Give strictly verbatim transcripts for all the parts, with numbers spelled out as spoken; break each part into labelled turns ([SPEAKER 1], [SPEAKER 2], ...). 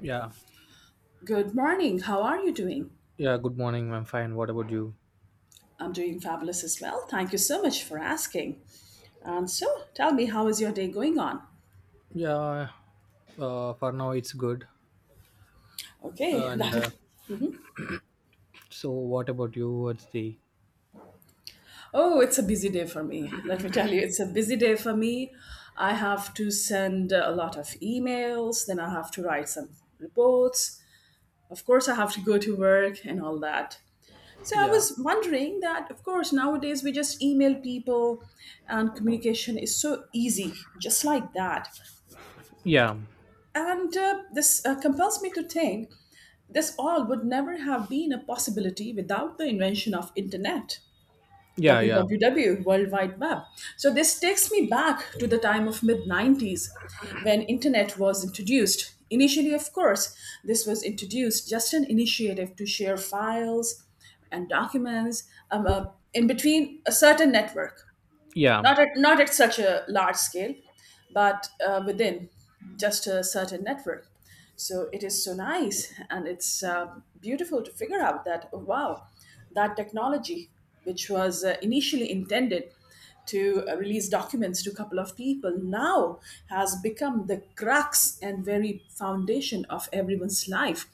[SPEAKER 1] Yeah,
[SPEAKER 2] Good morning. How are you doing?
[SPEAKER 1] yeah. Good morning. I'm fine. What about you?
[SPEAKER 2] I'm doing fabulous as well. Thank you so much for asking. And so, tell me, how is your day going on?
[SPEAKER 1] Yeah, uh, for now it's good.
[SPEAKER 2] Okay,
[SPEAKER 1] And uh,
[SPEAKER 2] that
[SPEAKER 1] so, what about you? What's the?
[SPEAKER 2] oh, it's a busy day for me. Let me tell you, it's a busy day for me. I have to send a lot of emails, then I have to write some reports. Of course, I have to go to work and all that. So I
[SPEAKER 1] Yeah,
[SPEAKER 2] was wondering that, of course, nowadays we just email people and communication is so easy, just like that.
[SPEAKER 1] yeah,
[SPEAKER 2] And uh, This uh, compels me to think this all would never have been a possibility without the invention of internet,
[SPEAKER 1] yeah, yeah,
[SPEAKER 2] W W W, World Wide Web. So this takes me back to the time of mid-nineties when internet was introduced. Initially, of course, this was introduced just an initiative to share files and documents um, uh, in between a certain network,
[SPEAKER 1] yeah,
[SPEAKER 2] not at, not at such a large scale, but uh, within just a certain network. So it is so nice and it's uh, beautiful to figure out that, oh, wow, that technology, which was uh, initially intended to uh, release documents to a couple of people, now has become the crux and very foundation of everyone's life,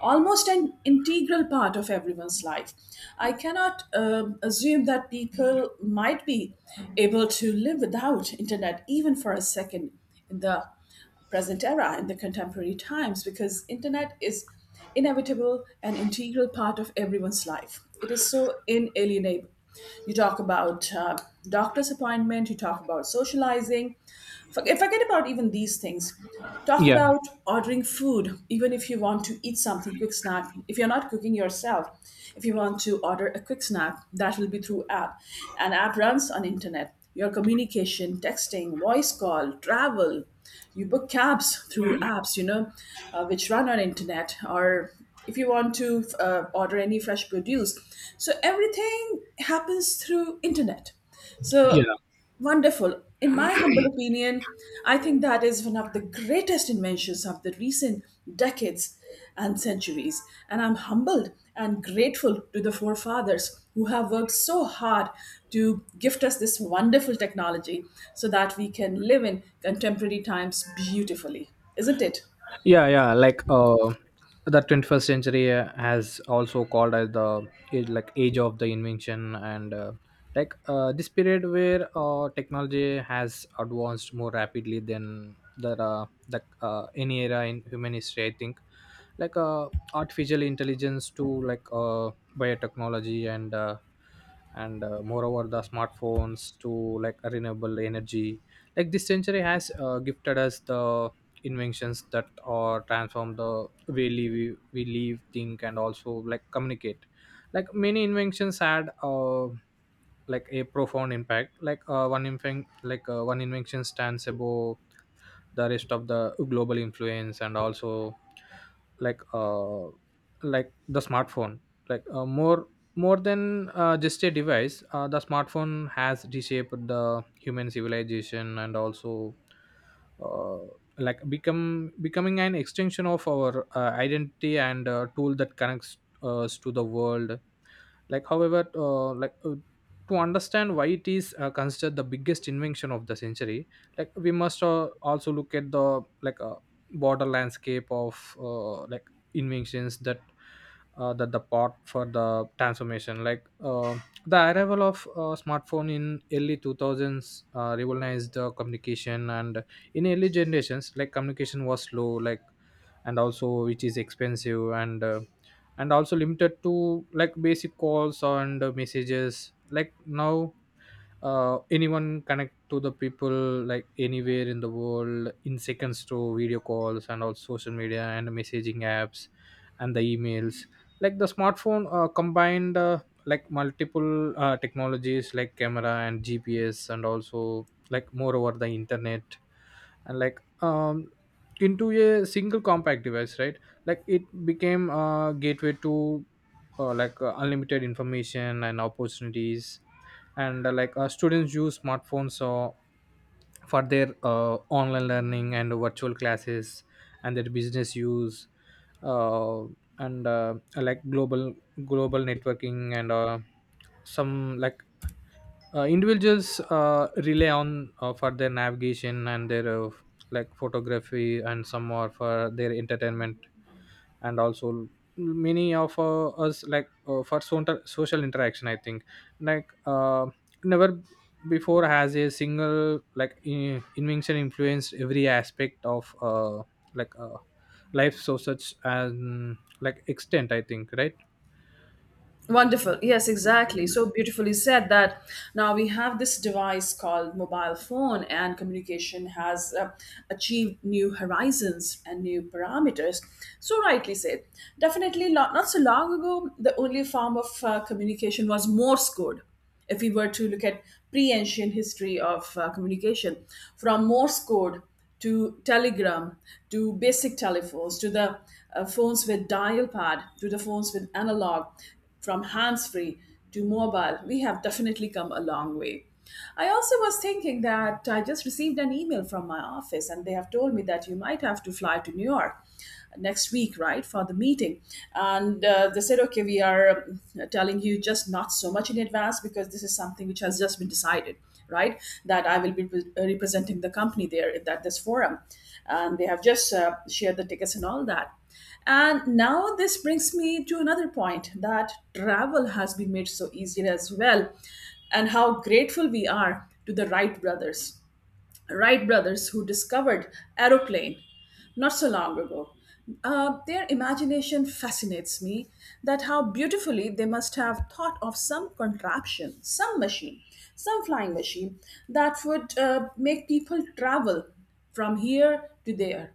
[SPEAKER 2] almost an integral part of everyone's life. I cannot um, assume that people might be able to live without internet even for a second in the present era in the contemporary times, because internet is inevitable and integral part of everyone's life. It is so inalienable. You talk about uh, doctor's appointment, you talk about socializing. Forget, forget about even these things. Talk
[SPEAKER 1] yeah,
[SPEAKER 2] about ordering food, even if you want to eat something quick snack. If you're not cooking yourself, if you want to order a quick snack, that will be through app. An app runs on internet. Your communication, texting, voice call, travel, you book cabs through apps, you know, uh, which run on internet. Or if you want to uh, order any fresh produce, so everything happens through internet. So
[SPEAKER 1] yeah,
[SPEAKER 2] wonderful. In my humble opinion, I think that is one of the greatest inventions of the recent decades and centuries. And I'm humbled and grateful to the forefathers who have worked so hard to gift us this wonderful technology so that we can live in contemporary times beautifully. Isn't it?
[SPEAKER 1] yeah, yeah, like uh the twenty-first century uh, has also called as the age, like age of the invention. And uh, like uh, this period where uh, technology has advanced more rapidly than the uh, the uh, any era in human history, I think. Like uh, artificial intelligence to, like uh, biotechnology, and uh, and uh, moreover the smartphones to like renewable energy. Like this century has uh, gifted us the inventions that are transform the way we, we live, think, and also like communicate. Like many inventions had uh, like a profound impact. Like uh, one inven- like uh, one invention stands above the rest of the global influence, and also like uh, like the smartphone. Like uh, more more than uh, just a device, uh, the smartphone has reshaped the human civilization and also, uh, like become becoming an extension of our uh, identity and uh, tool that connects uh, us to the world. Like however, uh, like uh, to understand why it is uh, considered the biggest invention of the century, like we must uh, also look at the, like uh, border landscape of, uh, like inventions that uh, that the part for the transformation. Like uh, the arrival of uh, smartphone in early two thousands uh, revolutionized the communication. And in early generations, like communication was slow, like, and also which is expensive, and uh, and also limited to like basic calls and uh, messages. Like now, uh, anyone connect to the people, like, anywhere in the world in seconds through video calls and all social media and messaging apps and the emails. Like the smartphone uh, combined, uh, like multiple uh, technologies like camera and gps and also, like moreover, the internet, and like um into a single compact device, right? Like it became a gateway to uh, like uh, unlimited information and opportunities. And uh, like uh, students use smartphones so for their uh, online learning and virtual classes, and their business use, uh, and uh, like global global networking, and uh, some, like uh, individuals uh, rely on uh, for their navigation and their uh, like photography, and some are for their entertainment, and also many of uh, us, like uh, for so- social interaction, I think. Like uh, never before has a single, like in- invention influenced every aspect of uh, like uh, life so such and like extent, I think, right?
[SPEAKER 2] Wonderful. Yes, exactly. So beautifully said that now we have this device called mobile phone, and communication has uh, achieved new horizons and new parameters. So, rightly said. Definitely, not, not so long ago, the only form of uh, communication was Morse code, if we were to look at pre-ancient history of uh, communication, from morse code to telegram to basic telephones to the uh, phones with dial pad to the phones with analog, from hands free to mobile, we have definitely come a long way. I also was thinking that I just received an email from my office and they have told me that you might have to fly to New York next week, right, for the meeting. And uh, They said, okay, we are uh, telling you just not so much in advance because this is something which has just been decided, right, that I will be re- uh, representing the company there at that, this forum. And they have just uh, shared the tickets and all that. And now this brings me to another point that travel has been made so easier as well, and how grateful we are to the Wright brothers. Wright brothers who discovered aeroplane not so long ago. Uh, their imagination fascinates me that how beautifully they must have thought of some contraption, some machine, some flying machine that would uh, make people travel from here to there.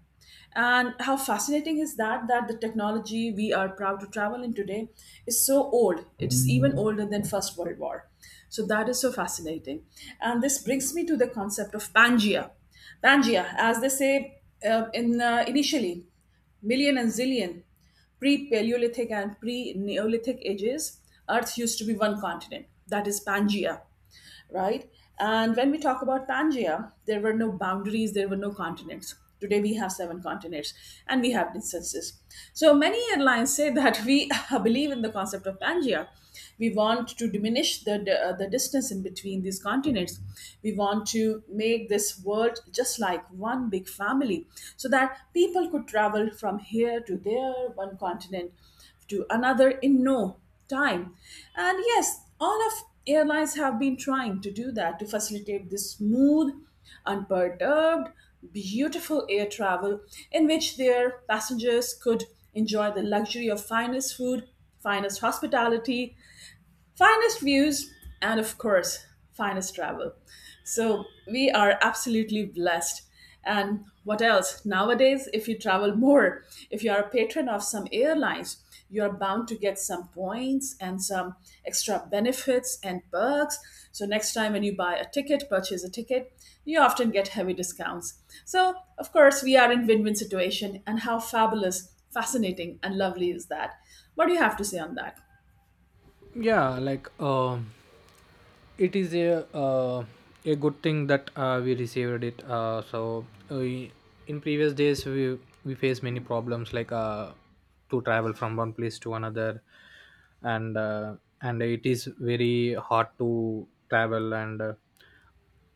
[SPEAKER 2] And how fascinating is that, that the technology we are proud to travel in today is so old. It's even older than First World War. So that is so fascinating. And this brings me to the concept of Pangea. Pangea, as they say uh, in uh, initially, million and zillion pre-Paleolithic and pre-Neolithic ages, Earth used to be one continent, that is Pangea, right? And when we talk about Pangea, there were no boundaries, there were no continents. Today we have seven continents and we have distances. So many airlines say that we believe in the concept of Pangea. We want to diminish the, the, uh, the distance in between these continents. We want to make this world just like one big family so that people could travel from here to there, one continent to another in no time. And yes, all of airlines have been trying to do that to facilitate this smooth, unperturbed, beautiful air travel in which their passengers could enjoy the luxury of finest food, finest hospitality, finest views, and of course finest travel. So we are absolutely blessed. And what else, nowadays if you travel more, if you are a patron of some airlines, you are bound to get some points and some extra benefits and perks. So next time when you buy a ticket, purchase a ticket, you often get heavy discounts. So of course we are in win-win situation. And how fabulous, fascinating and lovely is that? What do you have to say on that?
[SPEAKER 1] Yeah, like um it is a uh, a good thing that uh, we received it, uh, so uh, we, in previous days we we faced many problems, like uh, to travel from one place to another. And uh, and it is very hard to travel, and uh,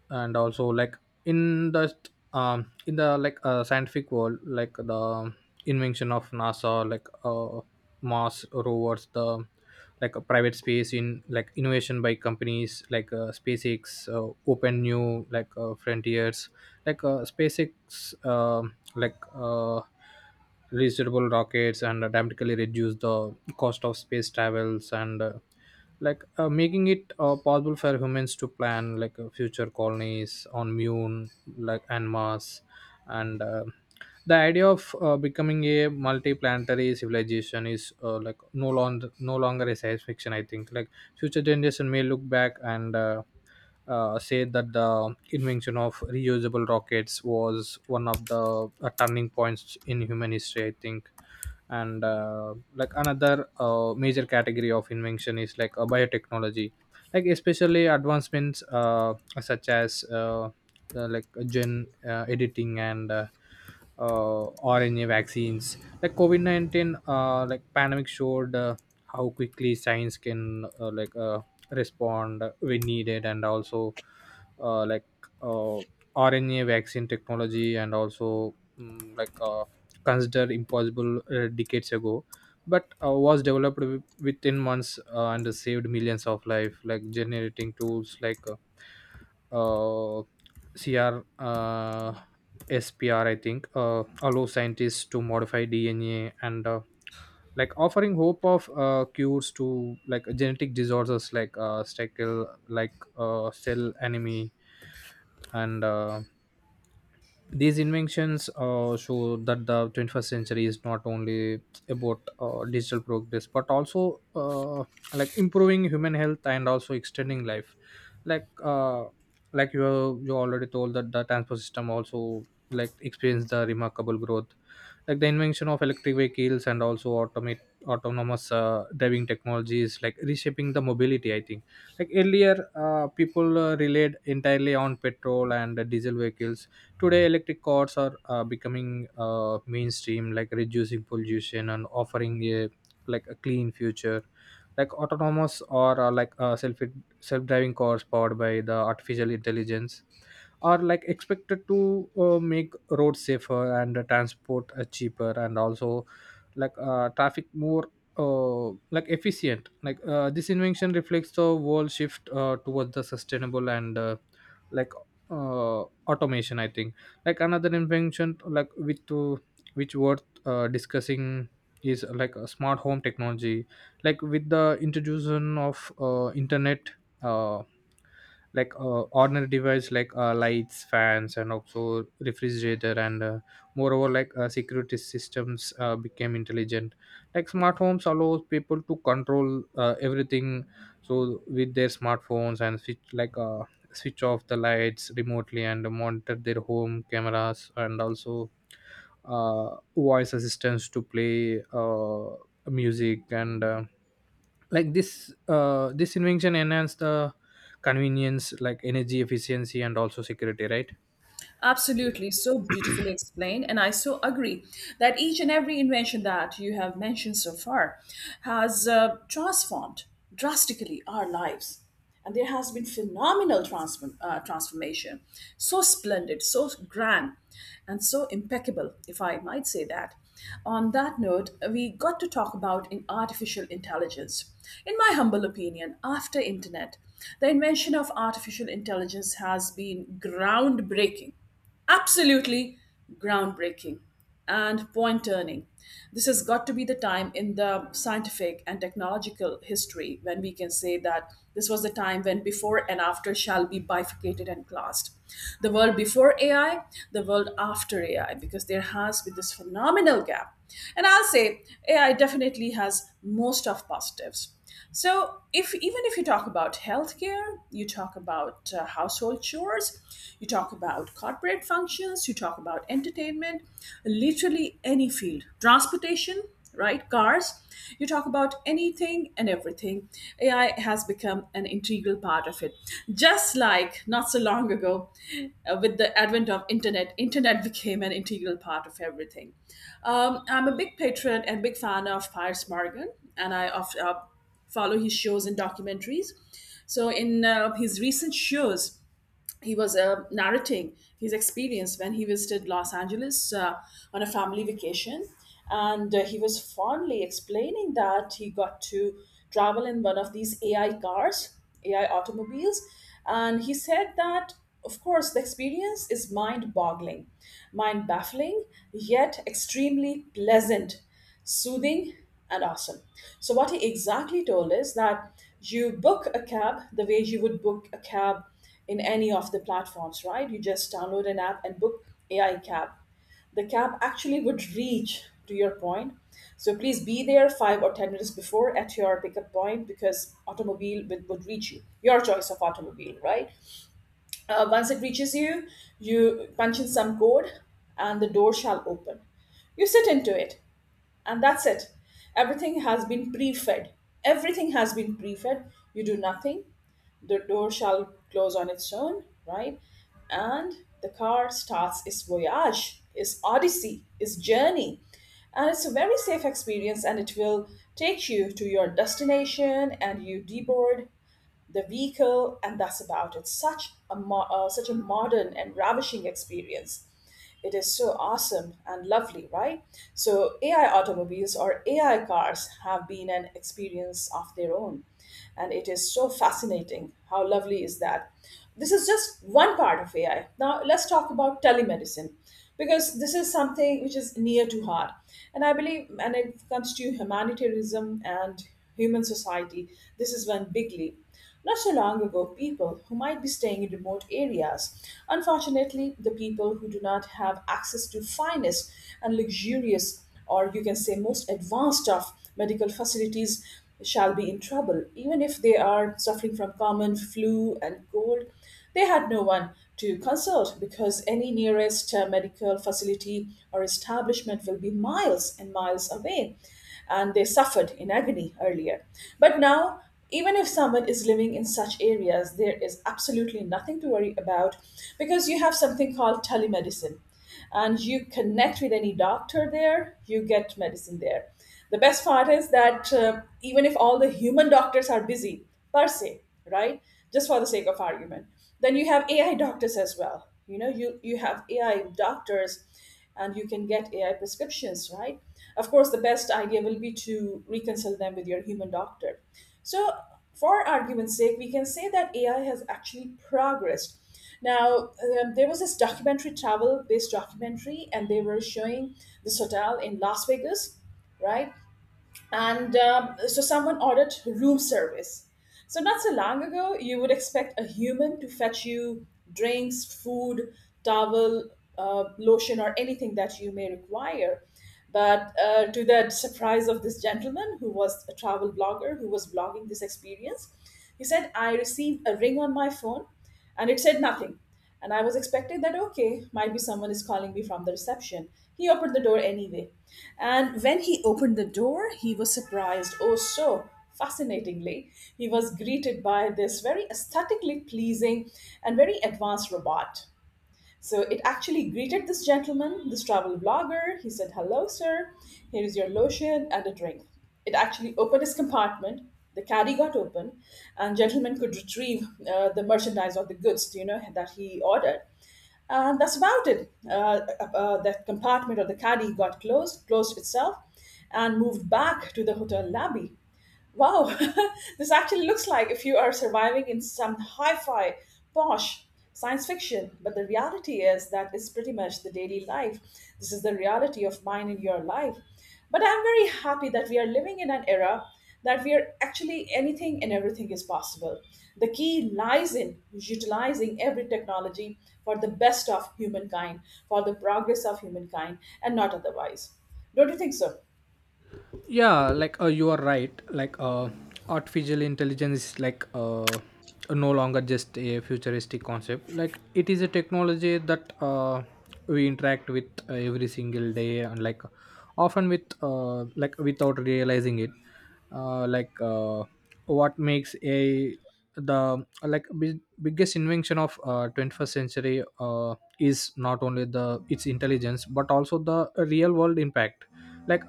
[SPEAKER 1] and also like, in the um in the, like uh, scientific world, like the invention of nasa, like uh mars rovers, the like a private space in like innovation by companies like uh, spacex uh, open new, like uh, frontiers. Like uh, spacex uh like uh reusable rockets and dramatically reduce the cost of space travels, and uh, like uh, making it uh, possible for humans to plan, like uh, future colonies on moon, like and mars. And uh, the idea of uh, becoming a multi-planetary civilization is, uh, like no longer no longer a science fiction, I think. Like future generation may look back and uh, uh, say that the invention of reusable rockets was one of the uh, turning points in human history, I think. And uh, like another uh, major category of invention is, like uh, biotechnology. Like especially advancements, uh, such as uh, uh, like uh, gen uh, editing and uh, uh, R N A vaccines. Like COVID nineteen, uh, like pandemic showed uh, how quickly science can uh, like uh, respond when needed. And also, uh, like uh, rna vaccine technology, and also mm, like uh, considered impossible uh, decades ago, but uh, was developed wi- within months uh, and saved millions of life. Like generating tools, like uh, uh, C R uh, S P R, I think, uh, allow scientists to modify D N A, and uh, like offering hope of uh, cures to like genetic disorders, like uh, sickle like uh, cell anemia. And uh, these inventions uh, show that the twenty-first century is not only about uh, digital progress, but also uh, like improving human health and also extending life. Like uh, like you you already told that the transport system also like experienced the remarkable growth. Like the invention of electric vehicles, and also automate autonomous uh, driving technologies, like reshaping the mobility, I think. Like earlier, uh, people uh, relied entirely on petrol and uh, diesel vehicles. Today, electric cars are uh, becoming uh, mainstream, like reducing pollution and offering a, like a clean future. Like autonomous, or uh, like uh, self self driving cars powered by the artificial intelligence are, like, expected to uh, make roads safer, and uh, transport uh, cheaper, and also like uh, traffic more uh, like efficient. Like uh, this invention reflects the world shift uh, towards the sustainable and uh, like uh, automation, I think. Like another invention, like with to which worth uh, discussing is, uh, like a smart home technology. Like with the introduction of uh, internet, uh, like uh, ordinary device like uh, lights, fans, and also refrigerator, and uh, moreover, like uh, security systems uh, became intelligent. Like smart homes allows people to control uh, everything so with their smartphones, and switch like uh, switch off the lights remotely, and monitor their home cameras, and also uh, voice assistants to play uh, music, and uh, like this uh, this invention enhanced the convenience, like energy efficiency and also security, right?
[SPEAKER 2] Absolutely, so beautifully explained. And I so agree that each and every invention that you have mentioned so far has uh, transformed drastically our lives. And there has been phenomenal transform, uh, transformation, so splendid, so grand and so impeccable, if I might say that. On that note, we got to talk about in artificial intelligence. In my humble opinion, after internet, the invention of artificial intelligence has been groundbreaking, absolutely groundbreaking and point turning. This has got to be the time in the scientific and technological history when we can say that this was the time when before and after shall be bifurcated and classed. The world before A I, the world after A I, because there has been this phenomenal gap. And I'll say A I definitely has most of positives. So, if even if you talk about healthcare, you talk about uh, household chores, you talk about corporate functions, you talk about entertainment, literally any field, transportation, right? Cars, you talk about anything and everything. A I has become an integral part of it. Just like not so long ago, uh, with the advent of internet, internet became an integral part of everything. Um, I'm a big patron and big fan of Piers Morgan, and I of uh, follow his shows and documentaries. So, in uh, his recent shows, he was uh, narrating his experience when he visited Los Angeles uh, on a family vacation. And uh, He was fondly explaining that he got to travel in one of these A I cars, A I automobiles. And he said that, of course, the experience is mind boggling, mind baffling, yet extremely pleasant, soothing and awesome. So, what he exactly told is that you book a cab the way you would book a cab in any of the platforms, right? You just download an app and book A I cab. The cab actually would reach to your point. So, please be there five or ten minutes before at your pickup point because automobile would, would reach you. Your choice of automobile, right? Uh, once it reaches you, you punch in some code and the door shall open. You sit into it and that's it. Everything has been pre-fed, everything has been pre-fed, you do nothing. The door shall close on its own, right? And the car starts its voyage, its odyssey, its journey, and it's a very safe experience, and it will take you to your destination, and you deboard the vehicle, and that's about it. Such a mo- uh, such a modern and ravishing experience. It is so awesome and lovely, right? So A I automobiles or A I cars have been an experience of their own, and it is so fascinating. How lovely is that? This is just one part of A I. Now let's talk about telemedicine because this is something which is near to heart. And I believe, and it comes to humanitarianism and human society, this is one big leap. Not so long ago, people who might be staying in remote areas, unfortunately, the people who do not have access to finest and luxurious, or you can say most advanced of medical facilities, shall be in trouble, even if they are suffering from common flu and cold. They had no one to consult because any nearest uh, medical facility or establishment will be miles and miles away, and they suffered in agony earlier. But now, even if someone is living in such areas, there is absolutely nothing to worry about because you have something called telemedicine, and you connect with any doctor there, you get medicine there. The best part is that uh, even if all the human doctors are busy, per se, right, just for the sake of argument, then you have A I doctors as well. You know, you, you have A I doctors and you can get A I prescriptions, right? Of course, the best idea will be to reconcile them with your human doctor. So, for argument's sake, we can say that A I has actually progressed. Now, um, there was this documentary, travel based documentary, and they were showing this hotel in Las Vegas, right? And um, so someone ordered room service. So not so long ago, you would expect a human to fetch you drinks, food, towel, uh, lotion, or anything that you may require. But uh, to the surprise of this gentleman, who was a travel blogger, who was blogging this experience, he said, "I received a ring on my phone and it said nothing. And I was expecting that, okay, might be someone is calling me from the reception. He opened the door anyway. And when he opened the door, he was surprised." Oh, so fascinatingly, he was greeted by this very aesthetically pleasing and very advanced robot. So it actually greeted this gentleman, this travel blogger. He said, "Hello, sir. Here is your lotion and a drink." It actually opened his compartment. The caddy got open, and gentleman could retrieve uh, the merchandise or the goods, you know, that he ordered. And that's about it. Uh, uh, uh, that compartment or the caddy got closed, closed itself, and moved back to the hotel lobby. Wow, this actually looks like if you are surviving in some hi fi, posh science fiction, but the reality is that is pretty much the daily life. This is the reality of mine in your life. But I'm very happy that we are living in an era that we are actually anything and everything is possible. The key lies in utilizing every technology for the best of humankind, for the progress of humankind, and not otherwise. Don't you think so?
[SPEAKER 1] Yeah, like uh, you are right. Like uh, artificial intelligence is, like uh, no longer just a futuristic concept. Like it is a technology that uh, we interact with uh, every single day, and like often with uh, like without realizing it. uh, like uh, what makes a the, like big, biggest invention of uh, twenty-first century uh, is not only the its intelligence, but also the real world impact, like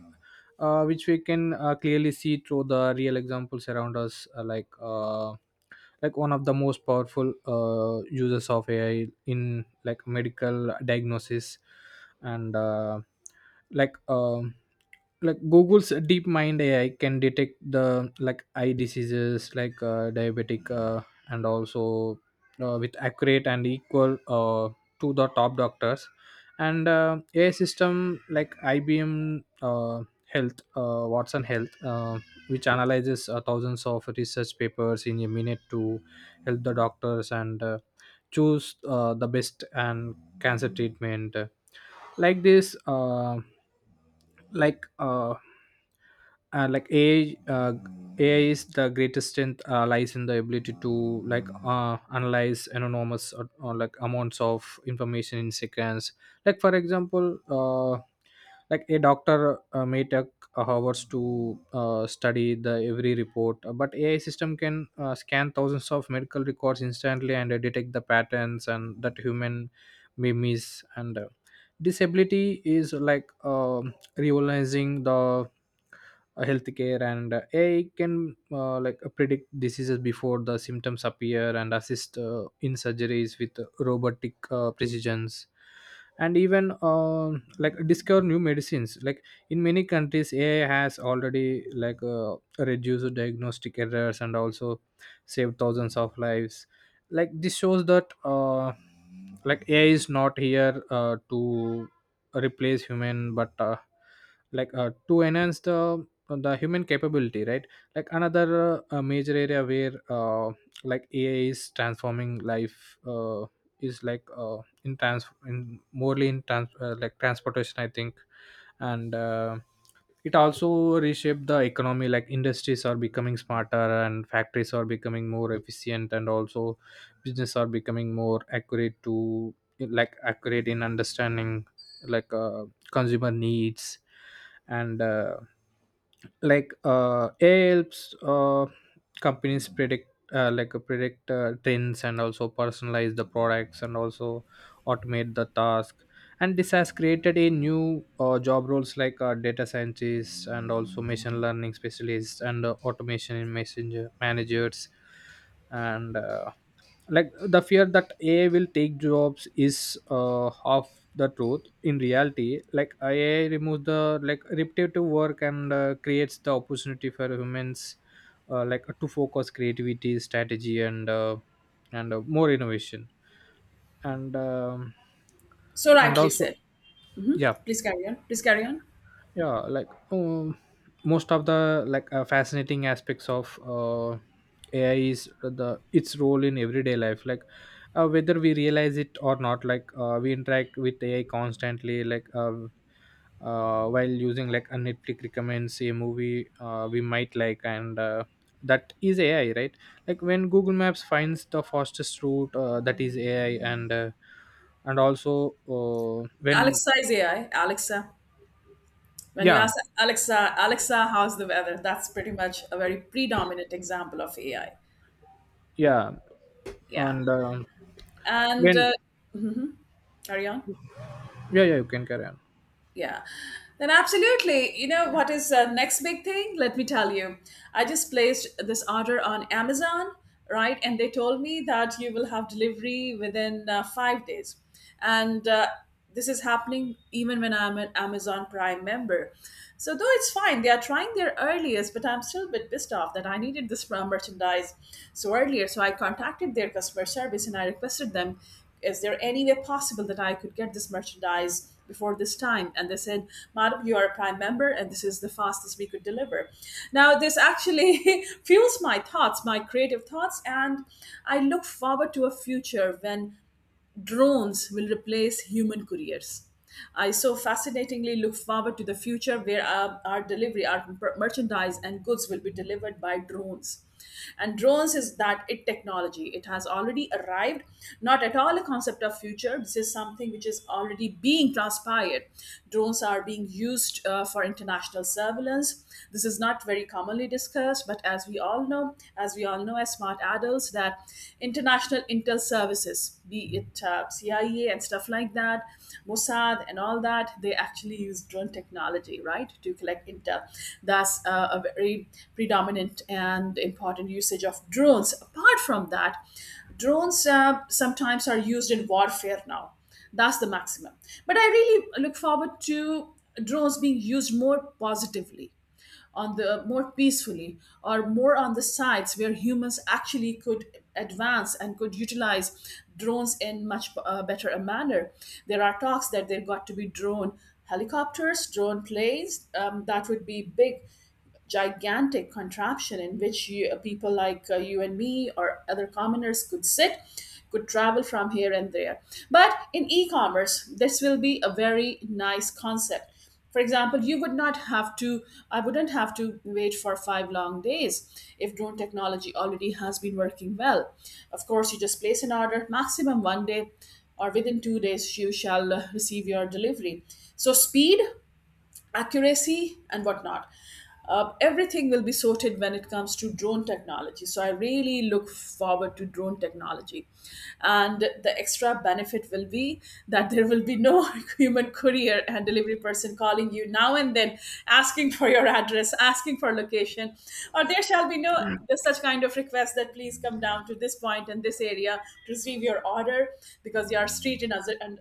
[SPEAKER 1] uh, which we can uh, clearly see through the real examples around us, uh, like uh, like one of the most powerful uh, users of ai in like medical diagnosis. And uh, like um like google's deep mind ai can detect the, like, eye diseases, like uh, diabetic, uh, and also uh, with accurate and equal uh, to the top doctors. And uh, ai system like ibm Health, uh, Watson Health, uh, which analyzes uh, thousands of research papers in a minute to help the doctors, and uh, choose uh, the best and cancer treatment. Like this, uh, like uh, uh, like A I, uh, A I is the greatest strength, uh, lies in the ability to, like uh, analyze enormous, uh, uh, like amounts of information in seconds. Like for example, uh, like a doctor uh, may take uh, hours to uh, study the every report, uh, but ai system can uh, scan thousands of medical records instantly, and uh, detect the patterns and that human may miss. And uh, disability is, like um revolutionizing the uh, healthcare, and uh, A I can uh, like uh, predict diseases before the symptoms appear, and assist uh, in surgeries with robotic uh, precisions, and even uh, like discover new medicines. Like in many countries, A I has already, like uh, reduced diagnostic errors, and also saved thousands of lives. Like this shows that uh, like ai is not here uh, to replace human, but uh, like uh, to enhance the the human capability, right? Like another uh, uh, major area where uh, like ai is transforming life uh, is, like uh, in trans in morely in trans uh, like transportation, I think. And uh, it also reshaped the economy. Like industries are becoming smarter, and factories are becoming more efficient, and also business are becoming more accurate to like accurate in understanding, like uh, consumer needs. And uh, like uh, A I helps uh, companies predict, uh, like uh, predict uh, trends, and also personalize the products, and also automate the task. And this has created a new uh, job roles like uh, data scientists, and also machine learning specialists, and uh, automation in messenger managers. And uh, like the fear that ai will take jobs is, uh, half the truth. In reality, like ai removes the like repetitive work, and uh, creates the opportunity for humans uh, like to focus creativity strategy, and uh, and uh, more innovation. And um,
[SPEAKER 2] So
[SPEAKER 1] and
[SPEAKER 2] rightly
[SPEAKER 1] also,
[SPEAKER 2] said.
[SPEAKER 1] yeah.
[SPEAKER 2] Please carry on. Please carry on.
[SPEAKER 1] Yeah, like um, most of the, like uh, fascinating aspects of uh, ai is the its role in everyday life. Like uh, whether we realize it or not, like uh, we interact with ai constantly, like uh, uh, while using, like, a netflix recommends a movie uh, we might like. And uh, that is ai, right? Like when google maps finds the fastest route, uh, that is ai. And uh, and also uh, when,
[SPEAKER 2] Alexa is A I. Alexa. When you
[SPEAKER 1] yeah.
[SPEAKER 2] ask Alexa, "Alexa, how's the weather?" That's pretty much a very predominant example of A I.
[SPEAKER 1] Yeah,
[SPEAKER 2] Yeah.
[SPEAKER 1] and uh,
[SPEAKER 2] And
[SPEAKER 1] when,
[SPEAKER 2] uh, carry on.
[SPEAKER 1] yeah, yeah, you can carry on.
[SPEAKER 2] Yeah, then absolutely. You know what is the next big thing? Let me tell you. I just placed this order on Amazon, right? And they told me that you will have delivery within uh, five days. And uh, this is happening even when I'm an Amazon Prime member. So, though it's fine, they are trying their earliest, but I'm still a bit pissed off that I needed this mer- merchandise so earlier. So, I contacted their customer service and I requested them, is there any way possible that I could get this merchandise before this time? And they said, "Madam, you are a prime member and this is the fastest we could deliver." Now, this actually fuels my thoughts, my creative thoughts, and I look forward to a future when drones will replace human couriers. I so fascinatingly look forward to the future where our, our delivery, our per- merchandise, and goods will be delivered by drones. And drones is that it technology. It has already arrived, not at all a concept of future. This is something which is already being transpired. Drones are being used uh, for international surveillance. This is not very commonly discussed, but as we all know, as we all know, know as smart adults that international intel services, be it uh, C I A and stuff like that, Mossad and all that, they actually use drone technology, right, to collect intel. That's uh, a very predominant and important usage of drones. Apart from that, drones uh, sometimes are used in warfare now. That's the maximum. But I really look forward to drones being used more positively on the more peacefully or more on the sites where humans actually could advance and could utilize drones in much uh, better a manner. There are talks that there got to be drone helicopters, drone planes, um, that would be big gigantic contraption in which you, uh, people like uh, you and me or other commoners could sit, could travel from here and there. But in e-commerce this will be a very nice concept. For example, you would not have to, I wouldn't have to wait for five long days if drone technology already has been working well. Of course, you just place an order, maximum one day or within two days you shall uh, receive your delivery. So speed, accuracy, and whatnot. Uh, everything will be sorted when it comes to drone technology. So I really look forward to drone technology. And the extra benefit will be that there will be no human courier and delivery person calling you now and then asking for your address, asking for location, or there shall be no such kind of request that please come down to this point in this area to receive your order because your street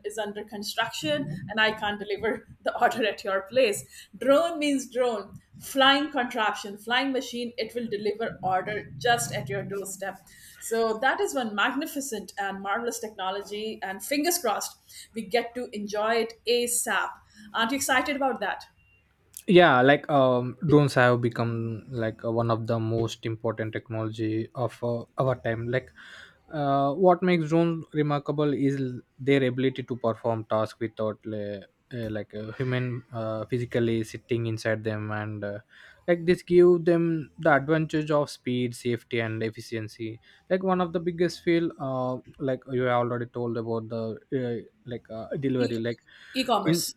[SPEAKER 2] is under construction and I can't deliver the order at your place. Drone means drone. Flying contraption, flying machine, it will deliver order just at your doorstep. So that is one magnificent and marvelous technology, and fingers crossed, we get to enjoy it ASAP. Aren't you excited about that?
[SPEAKER 1] Yeah, like um drones have become, like uh, one of the most important technology of uh, our time. Like uh, what makes drones remarkable is l- their ability to perform tasks without uh, uh, like a human uh, physically sitting inside them, and uh, like this give them the advantage of speed, safety, and efficiency. Like one of the biggest field, uh, like you have already told about the uh, like uh,
[SPEAKER 2] E-
[SPEAKER 1] delivery, like in,
[SPEAKER 2] E-commerce.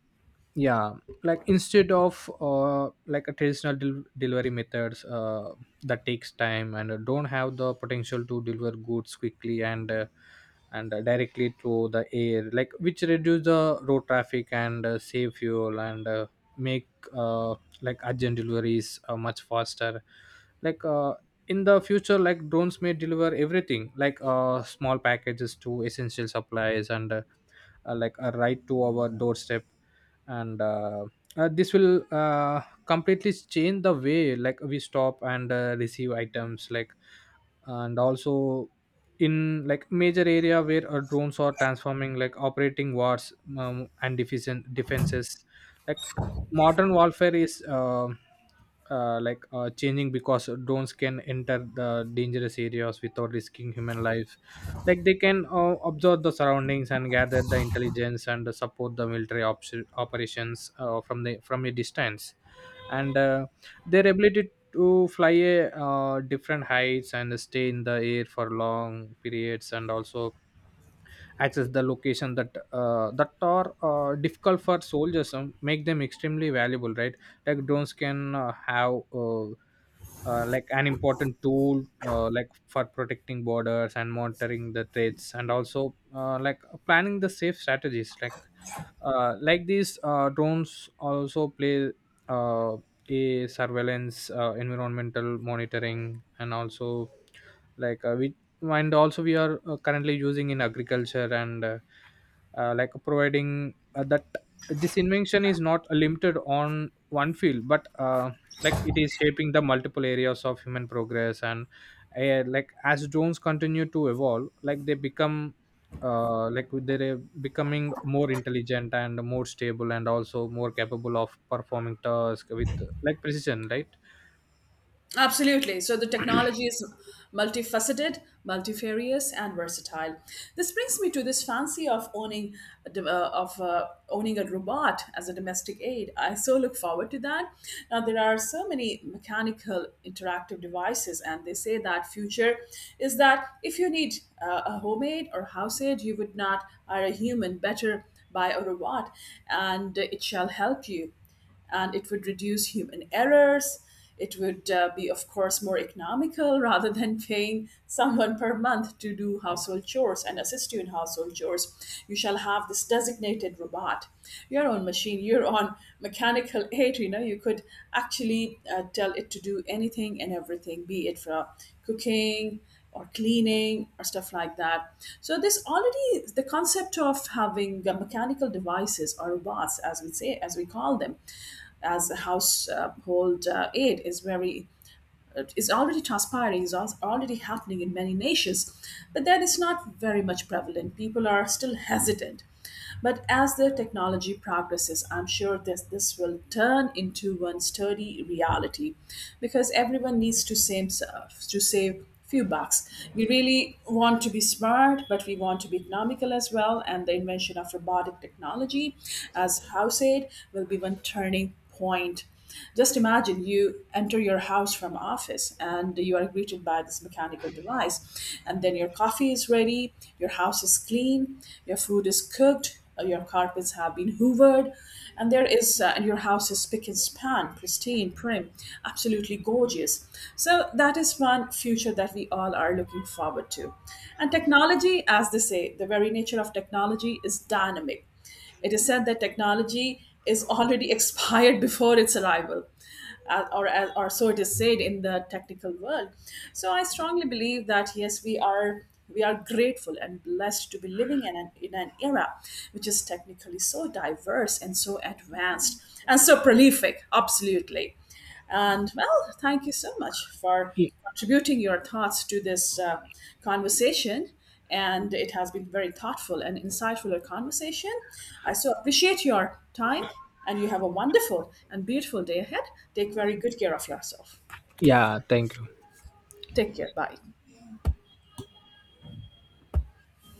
[SPEAKER 1] yeah, like instead of uh, like a traditional del- delivery methods uh, that takes time, and uh, don't have the potential to deliver goods quickly, and uh, and uh, directly through the air, like which reduce the road traffic, and uh, save fuel, and uh, make uh, like urgent deliveries uh, much faster. Like uh, in the future, like drones may deliver everything, like uh, small packages to essential supplies, and uh, uh, like uh, right to our doorstep. And uh, uh, this will uh, completely change the way, like we stop and uh, receive items, like, and also in, like, major area where uh, drones are transforming, like operating wars, um, and deficient defenses. Like modern warfare is, uh, uh, like uh, changing because drones can enter the dangerous areas without risking human life. Like they can uh, observe the surroundings, and gather the intelligence, and support the military ops- operations uh, from the from a distance. And uh, their ability to fly a uh, different heights, and stay in the air for long periods, and also access the location that uh, that are uh, difficult for soldiers um, make them extremely valuable, right? Like drones can uh, have uh, uh, like an important tool, uh, like for protecting borders and monitoring the threats, and also uh, like planning the safe strategies. Like uh, like these uh, drones also play uh, a surveillance, uh, environmental monitoring, and also, like uh, which and also we are uh, currently using in agriculture, and uh, uh, like providing, uh, that this invention is not limited on one field, but uh, like it is shaping the multiple areas of human progress. And uh, like as drones continue to evolve, like they become uh, like they're becoming more intelligent, and more stable, and also more capable of performing tasks with, like, precision, right?
[SPEAKER 2] Absolutely. So the technology is multifaceted, multifarious, and versatile. This brings me to this fancy of owning a dom- uh, of uh, owning a robot as a domestic aid. I so look forward to that. Now there are so many mechanical interactive devices, and they say that future is that if you need uh, a homemade or house aid, you would not hire a human, better buy a robot, and it shall help you and it would reduce human errors. It would uh, be, of course, more economical rather than paying someone per month to do household chores and assist you in household chores. You shall have this designated robot, your own machine, your own mechanical aid. You know, you could actually uh, tell it to do anything and everything, be it for cooking, or cleaning or stuff like that. So this already the concept of having uh, mechanical devices or robots, as we say, as we call them, as a household uh, aid is very uh, is already transpiring, is al- already happening in many nations, but that is not very much prevalent, people are still hesitant. But as the technology progresses, I'm sure this this will turn into one sturdy reality, because everyone needs to save to save few bucks. We really want to be smart, but we want to be economical as well. And the invention of robotic technology, as house aid, will be one turning point. Just imagine you enter your house from office and you are greeted by this mechanical device, and then your coffee is ready, your house is clean, your food is cooked, uh, your carpets have been hoovered, and there is, uh, and your house is spick and span, pristine, prim, absolutely gorgeous. So that is one future that we all are looking forward to. And technology, as they say, the very nature of technology is dynamic. It is said that technology is already expired before its arrival. Uh, or, uh, or so it is said in the technical world. So I strongly believe that yes, we are we are grateful and blessed to be living in an, in an era which is technically so diverse and so advanced and so prolific. Absolutely. And well, thank you so much for
[SPEAKER 1] Y-
[SPEAKER 2] contributing your thoughts to this uh, conversation. And it has been very thoughtful and insightful a conversation. I so appreciate your time, and you have a wonderful and beautiful day ahead. Take very good care of yourself.
[SPEAKER 1] Yeah, thank you.
[SPEAKER 2] Take care. Bye.